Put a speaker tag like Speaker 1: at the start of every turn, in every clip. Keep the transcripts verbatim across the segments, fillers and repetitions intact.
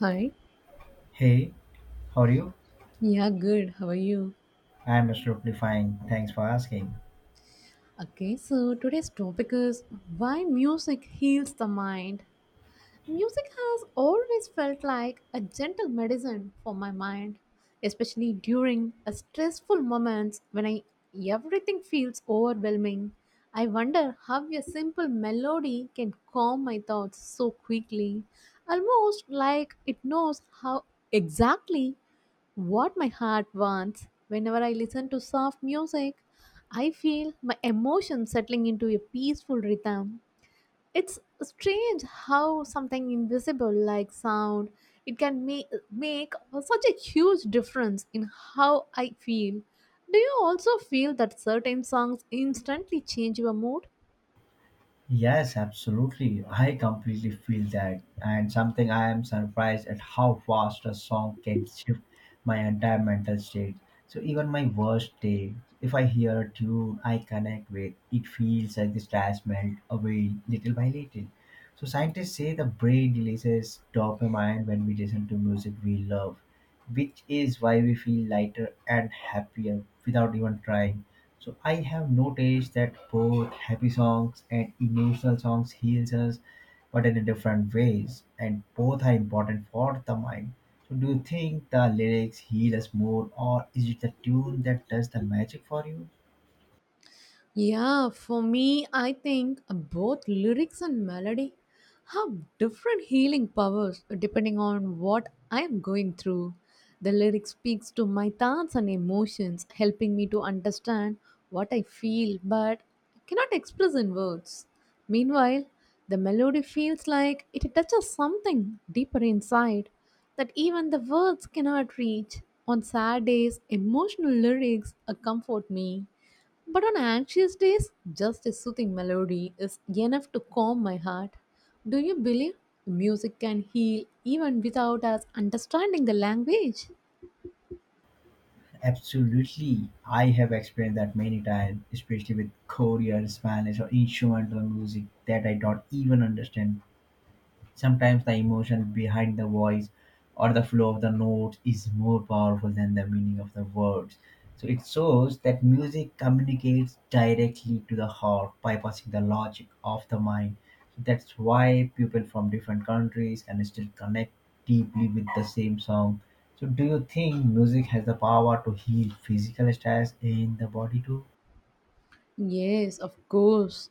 Speaker 1: Hi.
Speaker 2: Hey, how are you?
Speaker 1: Yeah, good. How are you?
Speaker 2: I'm absolutely fine. Thanks for asking.
Speaker 1: Okay, so today's topic is why music heals the mind. Music has always felt like a gentle medicine for my mind, especially during a stressful moments when I everything feels overwhelming. I wonder how a simple melody can calm my thoughts so quickly, almost like it knows how exactly what my heart wants. Whenever I listen to soft music, I feel my emotions settling into a peaceful rhythm. It's strange how something invisible like sound it can make make such a huge difference in how I feel. Do you also feel that certain songs instantly change your mood?
Speaker 2: Yes, absolutely. I completely feel that. And something I am surprised at how fast a song can shift my entire mental state. So, even my worst day, if I hear a tune I connect with, it feels like the stress melt away little by little. So, scientists say the brain releases dopamine when we listen to music we love, which is why we feel lighter and happier without even trying, so I have noticed that both happy songs and emotional songs heals us, but in a different ways, and both are important for the mind. So do you think the lyrics heal us more, or is it the tune that does the magic for you?
Speaker 1: Yeah, for me, I think both lyrics and melody have different healing powers depending on what I am going through. The lyric speaks to my thoughts and emotions, helping me to understand what I feel but cannot express in words. Meanwhile, the melody feels like it touches something deeper inside that even the words cannot reach. On sad days, emotional lyrics uh, comfort me, but on anxious days, just a soothing melody is enough to calm my heart. Do you believe music can heal even without us understanding the language?
Speaker 2: Absolutely. I have experienced that many times, especially with Korean, Spanish, or instrumental music that I don't even understand. Sometimes the emotion behind the voice or the flow of the notes is more powerful than the meaning of the words. So it shows that music communicates directly to the heart, bypassing the logic of the mind. So that's why people from different countries can still connect deeply with the same song. So do you think music has the power to heal physical stress in the body too?
Speaker 1: Yes, of course.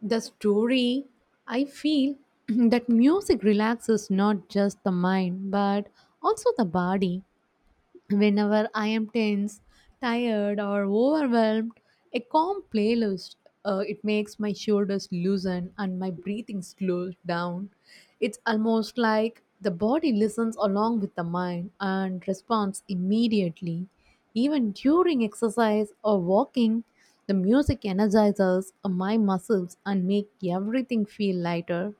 Speaker 1: The story, I feel that music relaxes not just the mind but also the body. Whenever I am tense, tired, or overwhelmed, a calm playlist uh, it makes my shoulders loosen and my breathing slows down. It's almost like the body listens along with the mind and responds immediately. Even during exercise or walking, the music energizes my muscles and make everything feel lighter.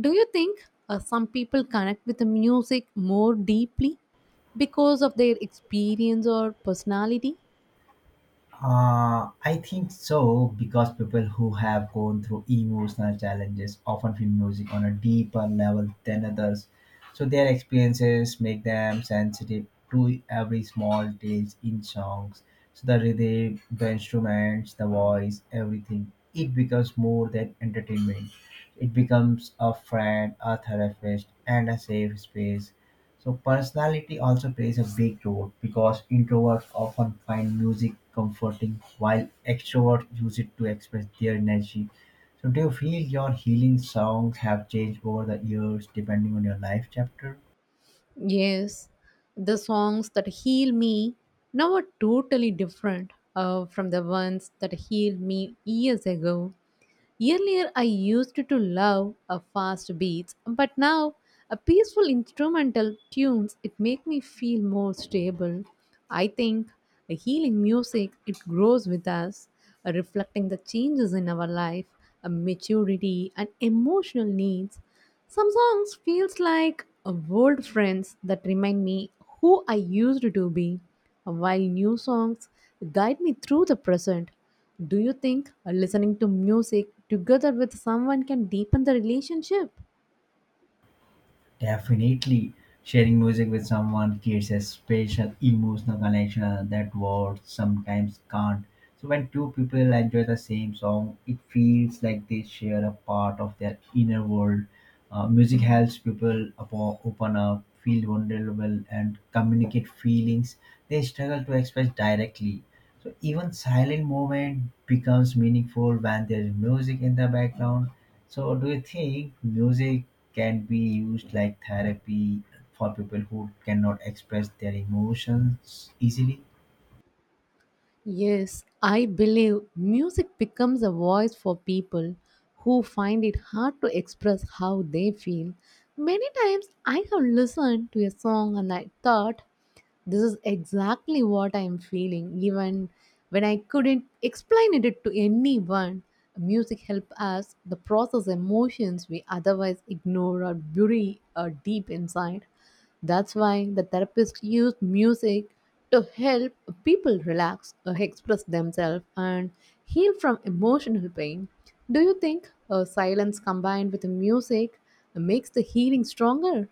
Speaker 1: Do you think uh, some people connect with the music more deeply because of their experience or personality?
Speaker 2: Uh, I think so, because people who have gone through emotional challenges often feel music on a deeper level than others. So their experiences make them sensitive to every small detail in songs. So the rhythm, the instruments, the voice, everything. It becomes more than entertainment. It becomes a friend, a therapist, and a safe space, so personality also plays a big role because introverts often find music comforting while extroverts use it to express their energy. So do you feel your healing songs have changed over the years depending on your life chapter?
Speaker 1: Yes, the songs that heal me now are totally different uh, from the ones that healed me years ago. Earlier, I used to love a fast beats, but now a peaceful instrumental tunes it make me feel more stable. I think a healing music it grows with us, uh, reflecting the changes in our life, a maturity and emotional needs. Some songs feels like uh, old friends that remind me who I used to be, while new songs guide me through the present. Do you think uh, listening to music together with someone can deepen the relationship?
Speaker 2: Definitely, sharing music with someone creates a special emotional connection that words sometimes can't. So, when two people enjoy the same song, it feels like they share a part of their inner world. Uh, music helps people apo- open up, feel vulnerable, and communicate feelings they struggle to express directly. So, even silent moment becomes meaningful when there's music in the background. So, do you think music can be used like therapy for people who cannot express their emotions easily?
Speaker 1: Yes, I believe music becomes a voice for people who find it hard to express how they feel. Many times I have listened to a song and I thought, this is exactly what I'm feeling, even when I couldn't explain it to anyone. Music helped us the process emotions we otherwise ignore or bury uh, deep inside. That's why the therapist used music to help people relax, uh, express themselves, and heal from emotional pain. Do you think uh, silence combined with the music makes the healing stronger?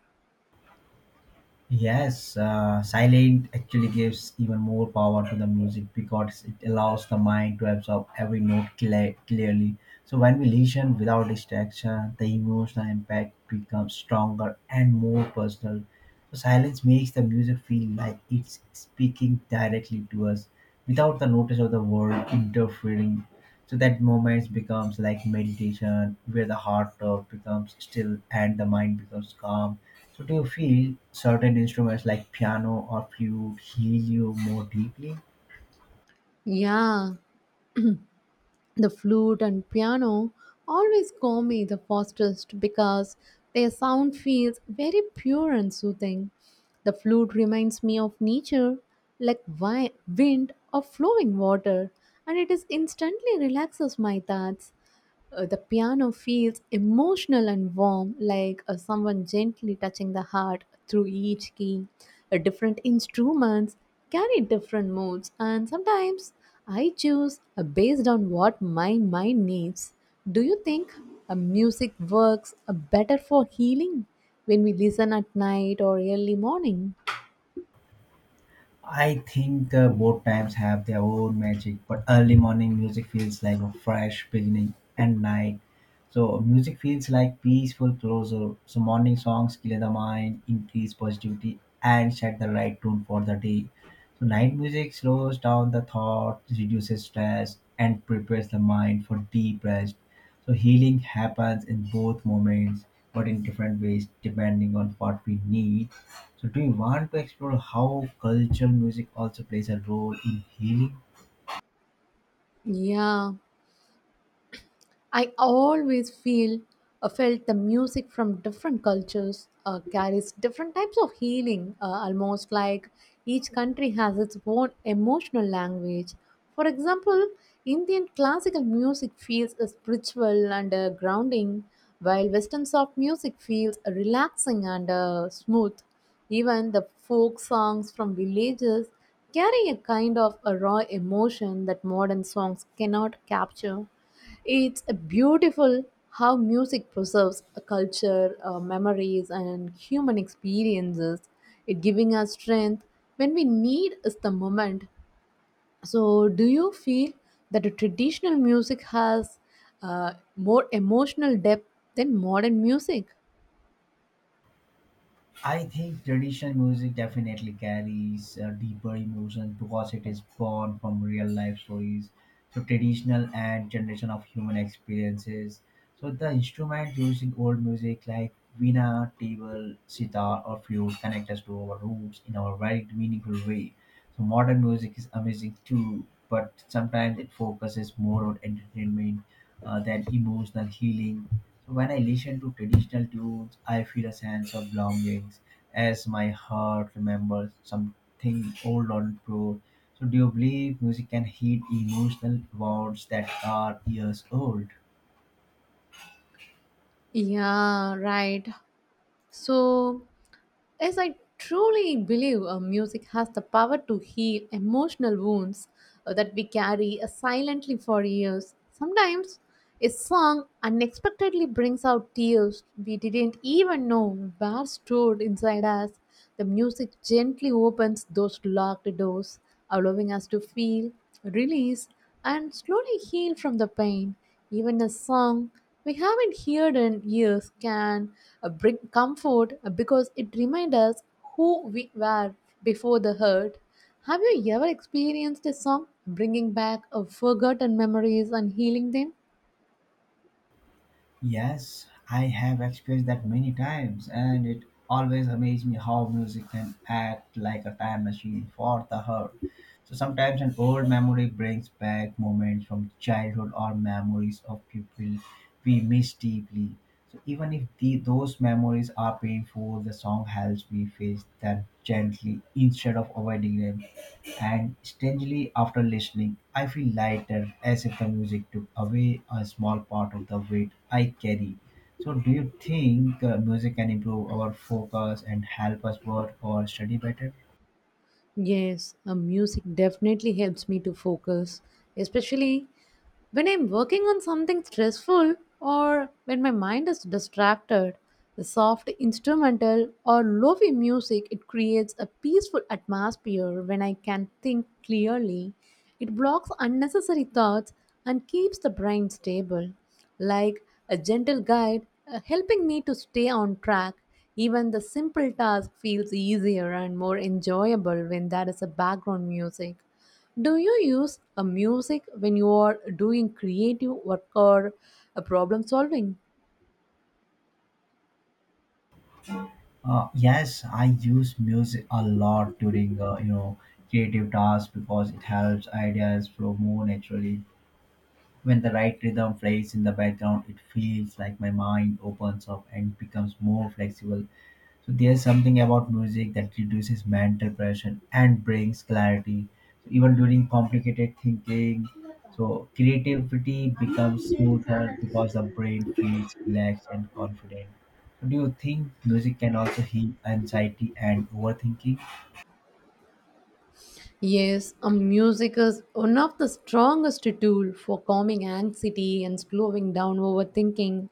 Speaker 2: Yes, uh, silent actually gives even more power to the music because it allows the mind to absorb every note clear, clearly. So when we listen without distraction, the emotional impact becomes stronger and more personal. So silence makes the music feel like it's speaking directly to us without the notice of the world interfering. So that moment becomes like meditation where the heart uh, becomes still and the mind becomes calm. So do you feel certain instruments like piano or flute heal you more deeply?
Speaker 1: Yeah, the flute and piano always call me the fastest because their sound feels very pure and soothing. The flute reminds me of nature, like wi- wind or flowing water, and it is instantly relaxes my thoughts. Uh, the piano feels emotional and warm, like uh, someone gently touching the heart through each key. Uh, different instruments carry different moods, and sometimes I choose uh, based on what my mind needs. Do you think uh, music works uh, better for healing when we listen at night or early morning?
Speaker 2: I think uh, both times have their own magic, but early morning music feels like a fresh beginning, and night, so music feels like peaceful closure. So morning songs clear the mind, increase positivity, and set the right tone for the day. So night music slows down the thoughts, reduces stress, and prepares the mind for deep rest. So healing happens in both moments, but in different ways depending on what we need. So do you want to explore how cultural music also plays a role in healing?
Speaker 1: Yeah, I always feel uh, felt the music from different cultures uh, carries different types of healing, uh, almost like each country has its own emotional language. For example, Indian classical music feels uh, spiritual and uh, grounding, while Western soft music feels uh, relaxing and uh, smooth. Even the folk songs from villages carry a kind of a raw emotion that modern songs cannot capture. It's a beautiful how music preserves a culture, uh, memories, and human experiences. It giving us strength when we need is the moment. So, do you feel that a traditional music has uh, more emotional depth than modern music?
Speaker 2: I think traditional music definitely carries uh, deeper emotions because it is born from real life stories, so traditional and generation of human experiences. So the instrument used in old music like veena, tabla, sitar, or flute connect us to our roots in a very meaningful way. So modern music is amazing too, but sometimes it focuses more on entertainment uh, than emotional healing, so when I listen to traditional tunes, I feel a sense of belongings as my heart remembers something old and pure. So do you believe music can heal emotional wounds that are years old?
Speaker 1: Yeah, right. So as I truly believe uh, music has the power to heal emotional wounds uh, that we carry uh, silently for years. Sometimes a song unexpectedly brings out tears we didn't even know were stored inside us. The music gently opens those locked doors, allowing us to feel, release, and slowly heal from the pain. Even a song we haven't heard in years can uh, bring comfort uh, because it reminds us who we were before the hurt. Have you ever experienced a song bringing back uh, forgotten memories and healing them?
Speaker 2: Yes, I have experienced that many times, and it always amazes me how music can act like a time machine for the heart. So sometimes an old memory brings back moments from childhood or memories of people we miss deeply. So even if the, those memories are painful, the song helps me face them gently instead of avoiding them. And strangely, after listening, I feel lighter as if the music took away a small part of the weight I carry. So, do you think uh, music can improve our focus and help us work or study better?
Speaker 1: Yes, uh, music definitely helps me to focus, especially when I'm working on something stressful or when my mind is distracted. The soft instrumental or lo-fi music it creates a peaceful atmosphere when I can think clearly. It blocks unnecessary thoughts and keeps the brain stable like a gentle guide uh, helping me to stay on track. Even the simple task feels easier and more enjoyable when there is a background music. Do you use a music when you are doing creative work or a problem solving?
Speaker 2: Uh, yes, I use music a lot during uh, you know creative tasks because it helps ideas flow more naturally. When the right rhythm plays in the background, it feels like my mind opens up and becomes more flexible. So there's something about music that reduces mental pressure and brings clarity. So even during complicated thinking, so creativity becomes smoother because the brain feels relaxed and confident. So do you think music can also heal anxiety and overthinking?
Speaker 1: Yes, a music is one of the strongest tool for calming anxiety and slowing down overthinking.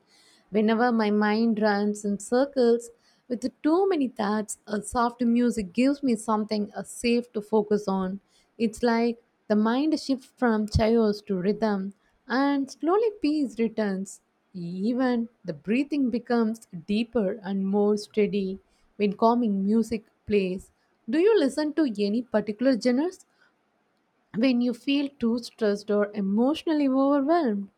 Speaker 1: Whenever my mind runs in circles with too many thoughts, a soft music gives me something uh, safe to focus on. It's like the mind shifts from chaos to rhythm, and slowly peace returns. Even the breathing becomes deeper and more steady when calming music plays. Do you listen to any particular genres when you feel too stressed or emotionally overwhelmed?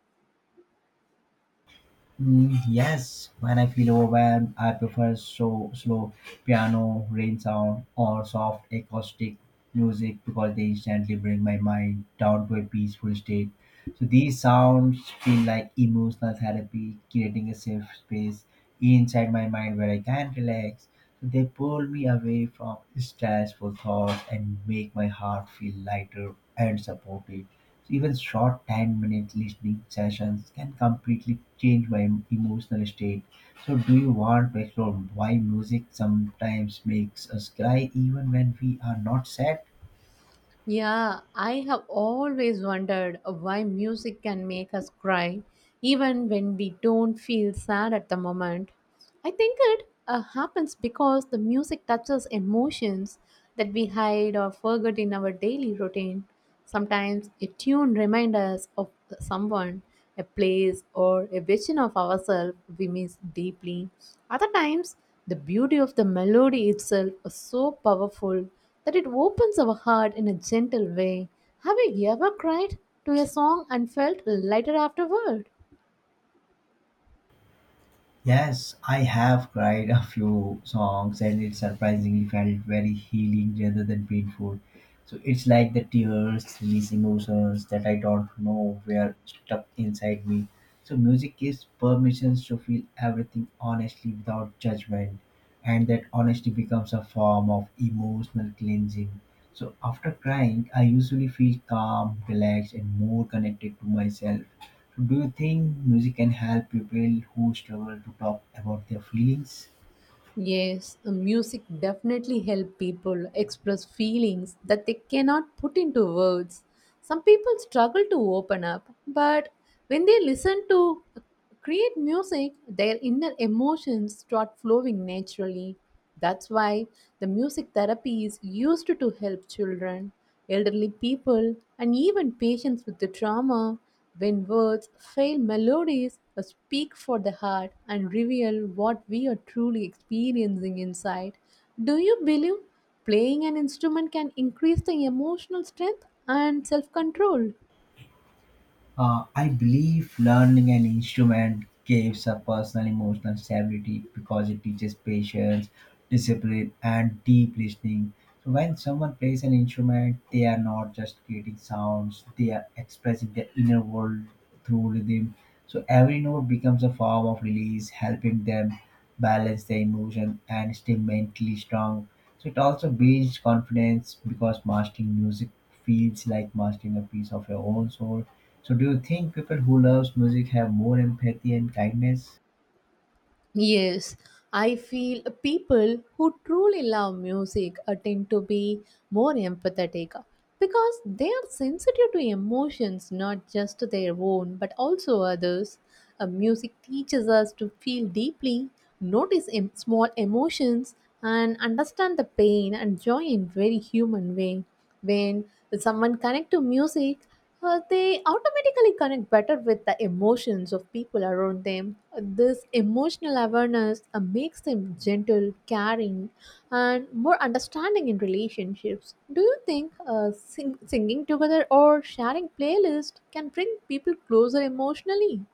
Speaker 2: Mm, yes, when I feel overwhelmed, I prefer so slow piano, rain sound, or soft acoustic music because they instantly bring my mind down to a peaceful state. So these sounds feel like emotional therapy, creating a safe space inside my mind where I can relax. So they pull me away from stressful thoughts and make my heart feel lighter and supported. So even short ten-minute listening sessions can completely change my em- emotional state. So, do you want to explore why music sometimes makes us cry even when we are not sad?
Speaker 1: Yeah, I have always wondered why music can make us cry even when we don't feel sad at the moment. I think it uh, happens because the music touches emotions that we hide or forget in our daily routine. Sometimes a tune reminds us of someone, a place, or a vision of ourselves we miss deeply. Other times, the beauty of the melody itself is so powerful that it opens our heart in a gentle way. Have you ever cried to a song and felt lighter afterward?
Speaker 2: Yes, I have cried a few songs and it surprisingly felt very healing rather than painful. So it's like the tears release emotions that I don't know were stuck inside me. So music gives permissions to feel everything honestly without judgment, and that honesty becomes a form of emotional cleansing. So after crying, I usually feel calm, relaxed, and more connected to myself. Do you think music can help people who struggle to talk about their feelings?
Speaker 1: Yes, uh, music definitely helps people express feelings that they cannot put into words. Some people struggle to open up, but when they listen to create music, their inner emotions start flowing naturally. That's why the music therapy is used to help children, elderly people, and even patients with the trauma. When words fail melodies, uh, speak for the heart and reveal what we are truly experiencing inside. Do you believe playing an instrument can increase the emotional strength and self control?
Speaker 2: Uh, I believe learning an instrument gives a personal emotional stability because it teaches patience, discipline, and deep listening. So when someone plays an instrument, they are not just creating sounds; they are expressing their inner world through rhythm. So every note becomes a form of release, helping them balance their emotion and stay mentally strong. So it also builds confidence because mastering music feels like mastering a piece of your own soul. So do you think people who loves music have more empathy and kindness?
Speaker 1: Yes, I feel people who truly love music uh, tend to be more empathetic uh, because they are sensitive to emotions, not just their own but also others. Uh, music teaches us to feel deeply, notice em- small emotions, and understand the pain and joy in very human way. When someone connects to music, uh, they automatically connect better with the emotions of people around them. This emotional awareness uh, makes them gentle, caring, and more understanding in relationships. Do you think uh, sing- singing together or sharing playlist can bring people closer emotionally?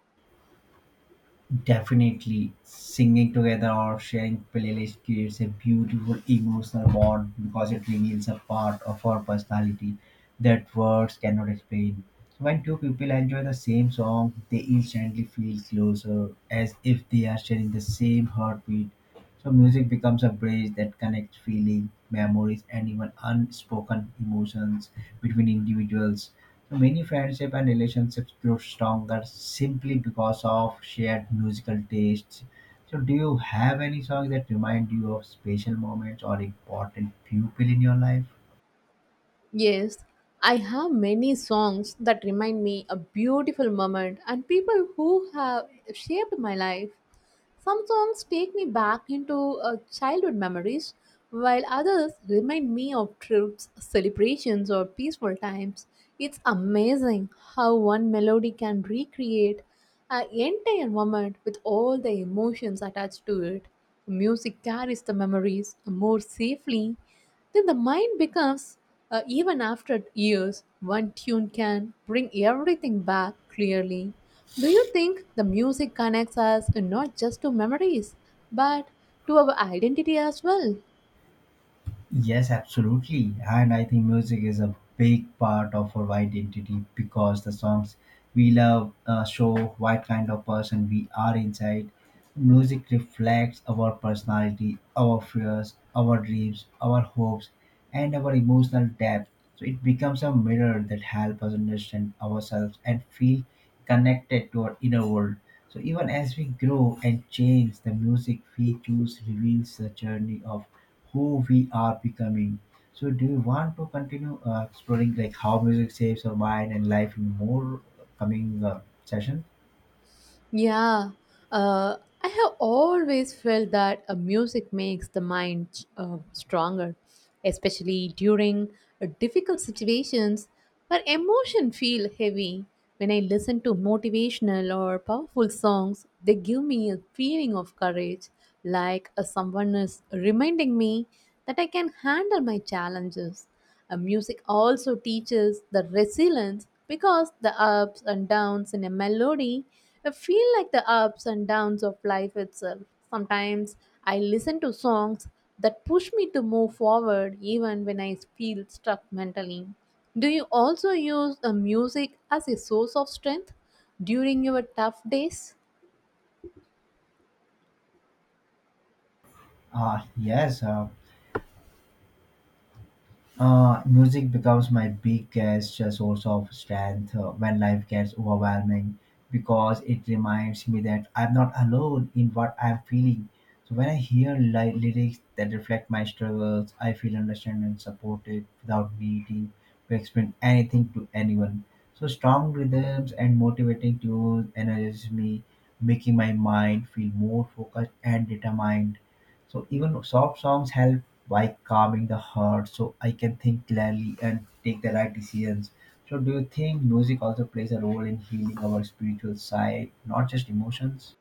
Speaker 2: Definitely, singing together or sharing playlist creates a beautiful emotional bond because it reveals a part of our personality that words cannot explain. So when two people enjoy the same song, they instantly feel closer, as if they are sharing the same heartbeat. So music becomes a bridge that connects feeling, memories, and even unspoken emotions between individuals. So, many friendships and relationships grow stronger simply because of shared musical tastes. So, do you have any songs that remind you of special moments or important people in your life?
Speaker 1: Yes, I have many songs that remind me a beautiful moment and people who have shaped my life. Some songs take me back into uh, childhood memories, while others remind me of trips, celebrations, or peaceful times. It's amazing how one melody can recreate an entire moment with all the emotions attached to it. Music carries the memories more safely then the mind becomes, uh, even after years, one tune can bring everything back clearly. Do you think the music connects us not just to memories, but to our identity as well?
Speaker 2: Yes, absolutely. And I think music is a big part of our identity because the songs we love uh, show what kind of person we are inside. Music reflects our personality, our fears, our dreams, our hopes, and our emotional depth. So it becomes a mirror that helps us understand ourselves and feel connected to our inner world. So even as we grow and change, the music we choose reveals the journey of who we are becoming. So, do you want to continue uh, exploring like how music shapes our mind and life in more coming uh, session?
Speaker 1: Yeah, uh, I have always felt that uh, music makes the mind uh, stronger, especially during uh, difficult situations where emotion feel heavy. When I listen to motivational or powerful songs, they give me a feeling of courage, like uh, someone is reminding me that I can handle my challenges. Uh, music also teaches the resilience because the ups and downs in a melody uh, feel like the ups and downs of life itself. Sometimes I listen to songs that push me to move forward even when I feel stuck mentally. Do you also use uh, music as a source of strength during your tough days?
Speaker 2: Uh, yes, uh, Uh, music becomes my biggest source of strength uh, when life gets overwhelming because it reminds me that I'm not alone in what I'm feeling. So when I hear li- lyrics that reflect my struggles, I feel understood and supported without needing to explain anything to anyone. So strong rhythms and motivating tunes energize me, making my mind feel more focused and determined. So even soft songs help by calming the heart so I can think clearly and take the right decisions. So do you think music also plays a role in healing our spiritual side, not just emotions?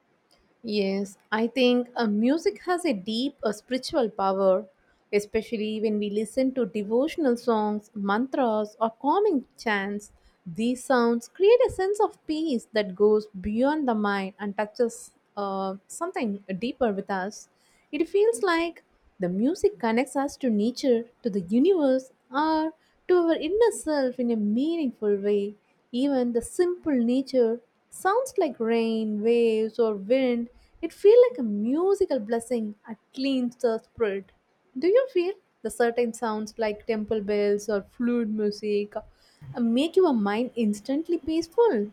Speaker 1: Yes, I think uh, music has a deep uh, spiritual power, especially when we listen to devotional songs, mantras, or calming chants. These sounds create a sense of peace that goes beyond the mind and touches uh, something deeper with us. It feels like the music connects us to nature, to the universe, or to our inner self in a meaningful way. Even the simple nature sounds like rain, waves, or wind. It feels like a musical blessing that cleans the spirit. Do you feel the certain sounds like temple bells or flute music uh, make your mind instantly peaceful?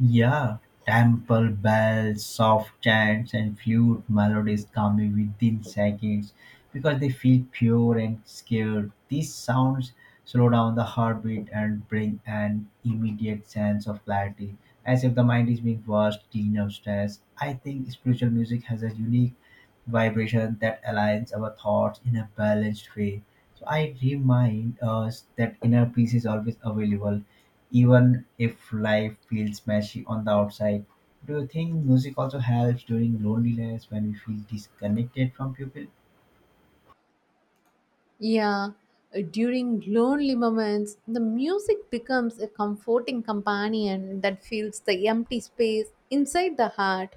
Speaker 2: Yeah, temple bells, soft chants, and flute melodies come in within seconds because they feel pure and scared. These sounds slow down the heartbeat and bring an immediate sense of clarity, as if the mind is being washed clean of stress. I think spiritual music has a unique vibration that aligns our thoughts in a balanced way. So I remind us that inner peace is always available even if life feels messy on the outside. Do you think music also helps during loneliness when we feel disconnected from people?
Speaker 1: Yeah, uh, during lonely moments, the music becomes a comforting companion that fills the empty space inside the heart.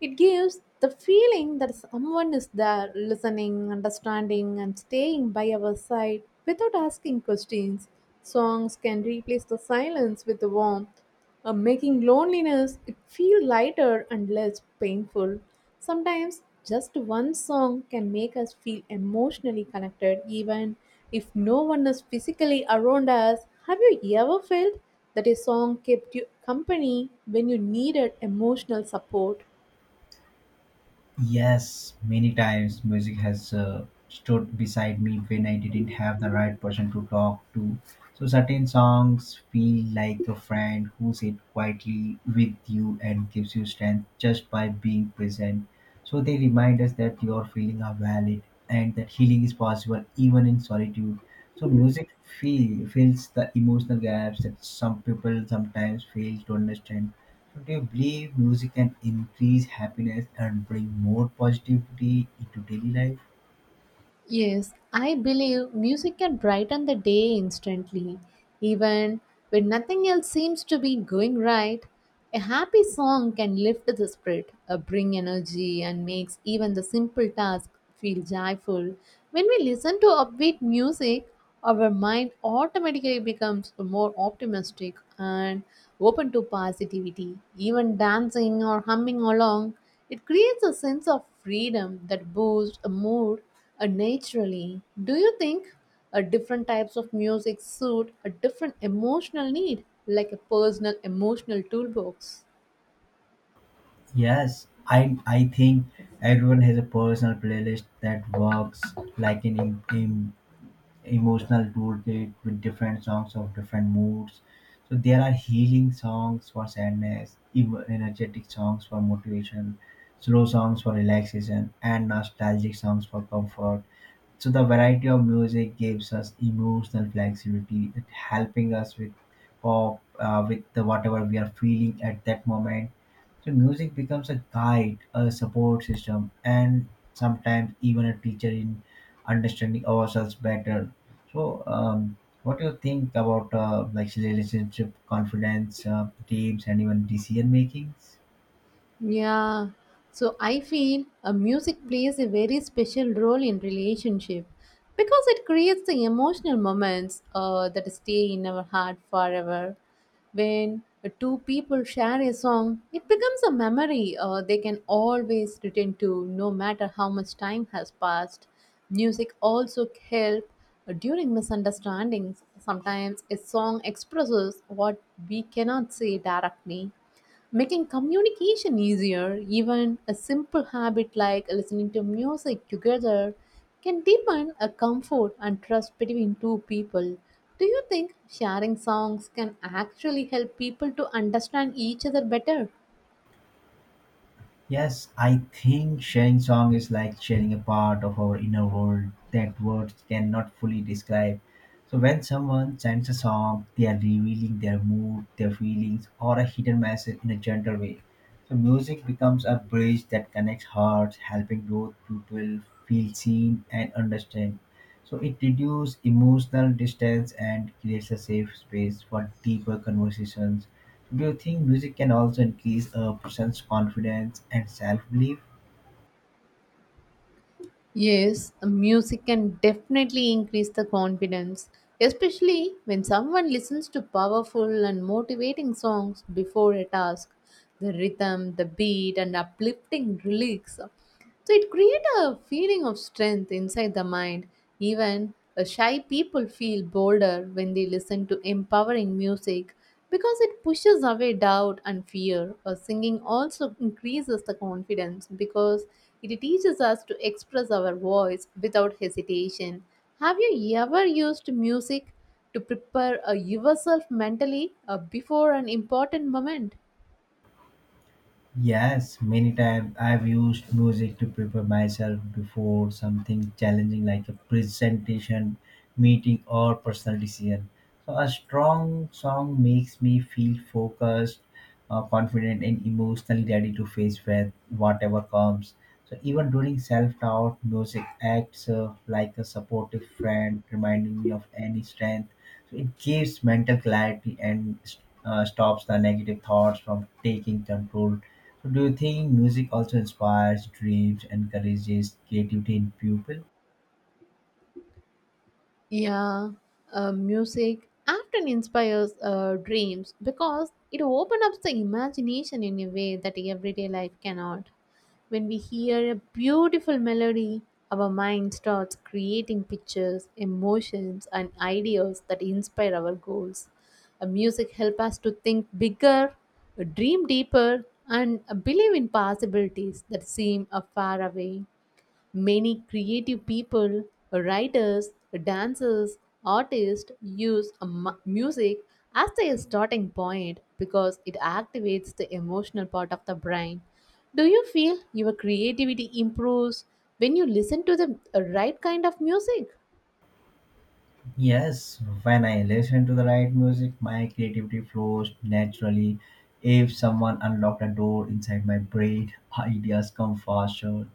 Speaker 1: It gives the feeling that someone is there listening, understanding, and staying by our side without asking questions. Songs can replace the silence with warmth, uh, making loneliness it feel lighter and less painful. Sometimes just one song can make us feel emotionally connected even if no one is physically around us. Have you ever felt that a song kept you company when you needed emotional support?
Speaker 2: Yes, many times music has uh, stood beside me when I didn't have the right person to talk to. So certain songs feel like a friend who sits quietly with you and gives you strength just by being present. So they remind us that your feelings are valid and that healing is possible even in solitude. So music feel, fills the emotional gaps that some people sometimes fail to understand. So do you believe music can increase happiness and bring more positivity into daily life?
Speaker 1: Yes, I believe music can brighten the day instantly. Even when nothing else seems to be going right, a happy song can lift the spirit, uh, bring energy, and makes even the simple task feel joyful. When we listen to upbeat music, our mind automatically becomes more optimistic and open to positivity. Even dancing or humming along, it creates a sense of freedom that boosts a mood uh, naturally. Do you think uh, different types of music suit a different emotional need, like a personal emotional toolbox?
Speaker 2: Yes, I I think everyone has a personal playlist that works like an em- em- emotional toolkit with different songs of different moods. So there are healing songs for sadness, ev- energetic songs for motivation, slow songs for relaxation, and nostalgic songs for comfort. So the variety of music gives us emotional flexibility, it helping us with cope uh, with the, whatever we are feeling at that moment. So music becomes a guide, a support system, and sometimes even a teacher in understanding ourselves better. So, um, what do you think about uh, like relationship, confidence, uh, teams, and even decision makings?
Speaker 1: Yeah, so I feel a music plays a very special role in relationship because it creates the emotional moments uh, that stay in our heart forever. When the two people share a song, it becomes a memory uh, they can always return to, no matter how much time has passed. Music also help uh, during misunderstandings. Sometimes a song expresses what we cannot say directly, making communication easier. Even a simple habit like listening to music together can deepen a comfort and trust between two people. Do you think sharing songs can actually help people to understand each other better?
Speaker 2: Yes, I think sharing song is like sharing a part of our inner world that words cannot fully describe. So when someone sends a song, they are revealing their mood, their feelings, or a hidden message in a gentle way. So music becomes a bridge that connects hearts, helping both people feel seen and understand. So it reduces emotional distance and creates a safe space for deeper conversations. Do you think music can also increase a person's confidence and self-belief?
Speaker 1: Yes, music can definitely increase the confidence, especially when someone listens to powerful and motivating songs before a task. The rhythm, the beat, and uplifting lyrics, so it creates a feeling of strength inside the mind. Even uh, shy people feel bolder when they listen to empowering music because it pushes away doubt and fear. Uh, singing also increases the confidence because it teaches us to express our voice without hesitation. Have you ever used music to prepare uh, yourself mentally uh, before an important moment?
Speaker 2: Yes, many times I've used music to prepare myself before something challenging like a presentation, meeting, or personal decision. So, a strong song makes me feel focused, uh, confident, and emotionally ready to face with whatever comes. So, even during self doubt, music acts uh, like a supportive friend, reminding me of any strength. So, it gives mental clarity and uh, stops the negative thoughts from taking control. So do you think music also inspires dreams, encourages creativity in people?
Speaker 1: Yeah, uh, music often inspires uh, dreams because it opens up the imagination in a way that everyday life cannot. When we hear a beautiful melody, our mind starts creating pictures, emotions, and ideas that inspire our goals. Uh, music helps us to think bigger, uh, dream deeper, and uh, believe in possibilities that seem uh, far away. Many creative people, writers, dancers, artists use mu- music as their starting point because it activates the emotional part of the brain. Do you feel your creativity improves when you listen to the right kind of music?
Speaker 2: Yes, when I listen to the right music, my creativity flows naturally. If someone unlocked a door inside my brain, ideas come faster.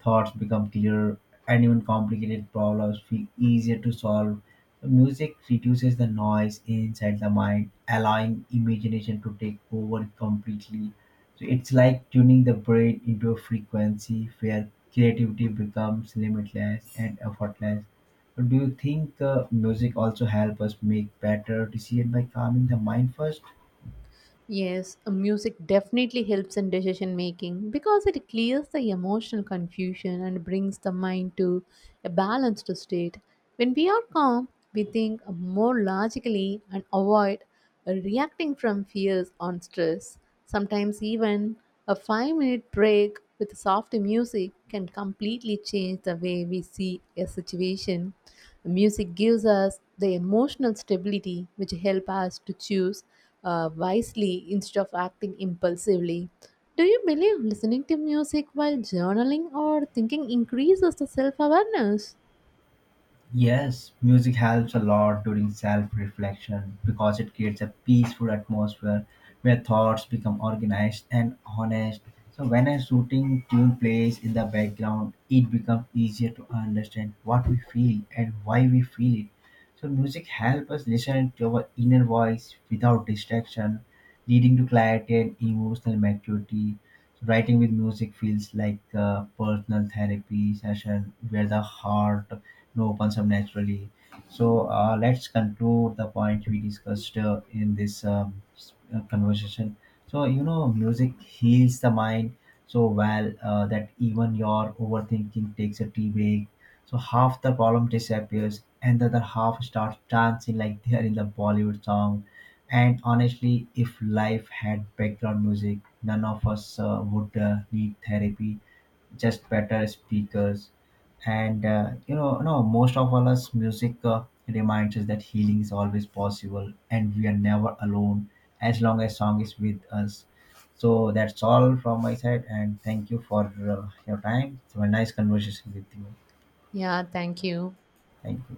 Speaker 2: Thoughts become clearer, and even complicated problems feel easier to solve. Music reduces the noise inside the mind, allowing imagination to take over completely. So it's like tuning the brain into a frequency where creativity becomes limitless and effortless. Do you think uh, music also help us make better decisions by calming the mind first?
Speaker 1: Yes, uh, music definitely helps in decision making because it clears the emotional confusion and brings the mind to a balanced state. When we are calm, we think more logically and avoid uh, reacting from fears on stress. Sometimes, even a five minute break with soft music can completely change the way we see a situation. Music gives us the emotional stability which help us to choose uh, wisely instead of acting impulsively. Do you believe listening to music while journaling or thinking increases the self awareness?
Speaker 2: Yes, music helps a lot during self reflection because it creates a peaceful atmosphere where thoughts become organized and honest. So, when a soothing tune plays in the background, it becomes easier to understand what we feel and why we feel it. So, music helps us listen to our inner voice without distraction, leading to clarity and emotional maturity. So, writing with music feels like a personal therapy session where the heart, no, opens up naturally. So uh, let's conclude the point we discussed uh, in this um, s- uh, conversation. So you know, music heals the mind so well uh, that even your overthinking takes a tea break. So half the problem disappears, and the other half starts dancing like they are in the Bollywood song. And honestly, if life had background music, none of us uh, would uh, need therapy, just better speakers. And uh, you know no most of all us, music uh, reminds us that healing is always possible and we are never alone as long as song is with us. So that's all from my side, and thank you for uh, your time. It's a nice conversation with you.
Speaker 1: Yeah, thank you.
Speaker 2: Thank you.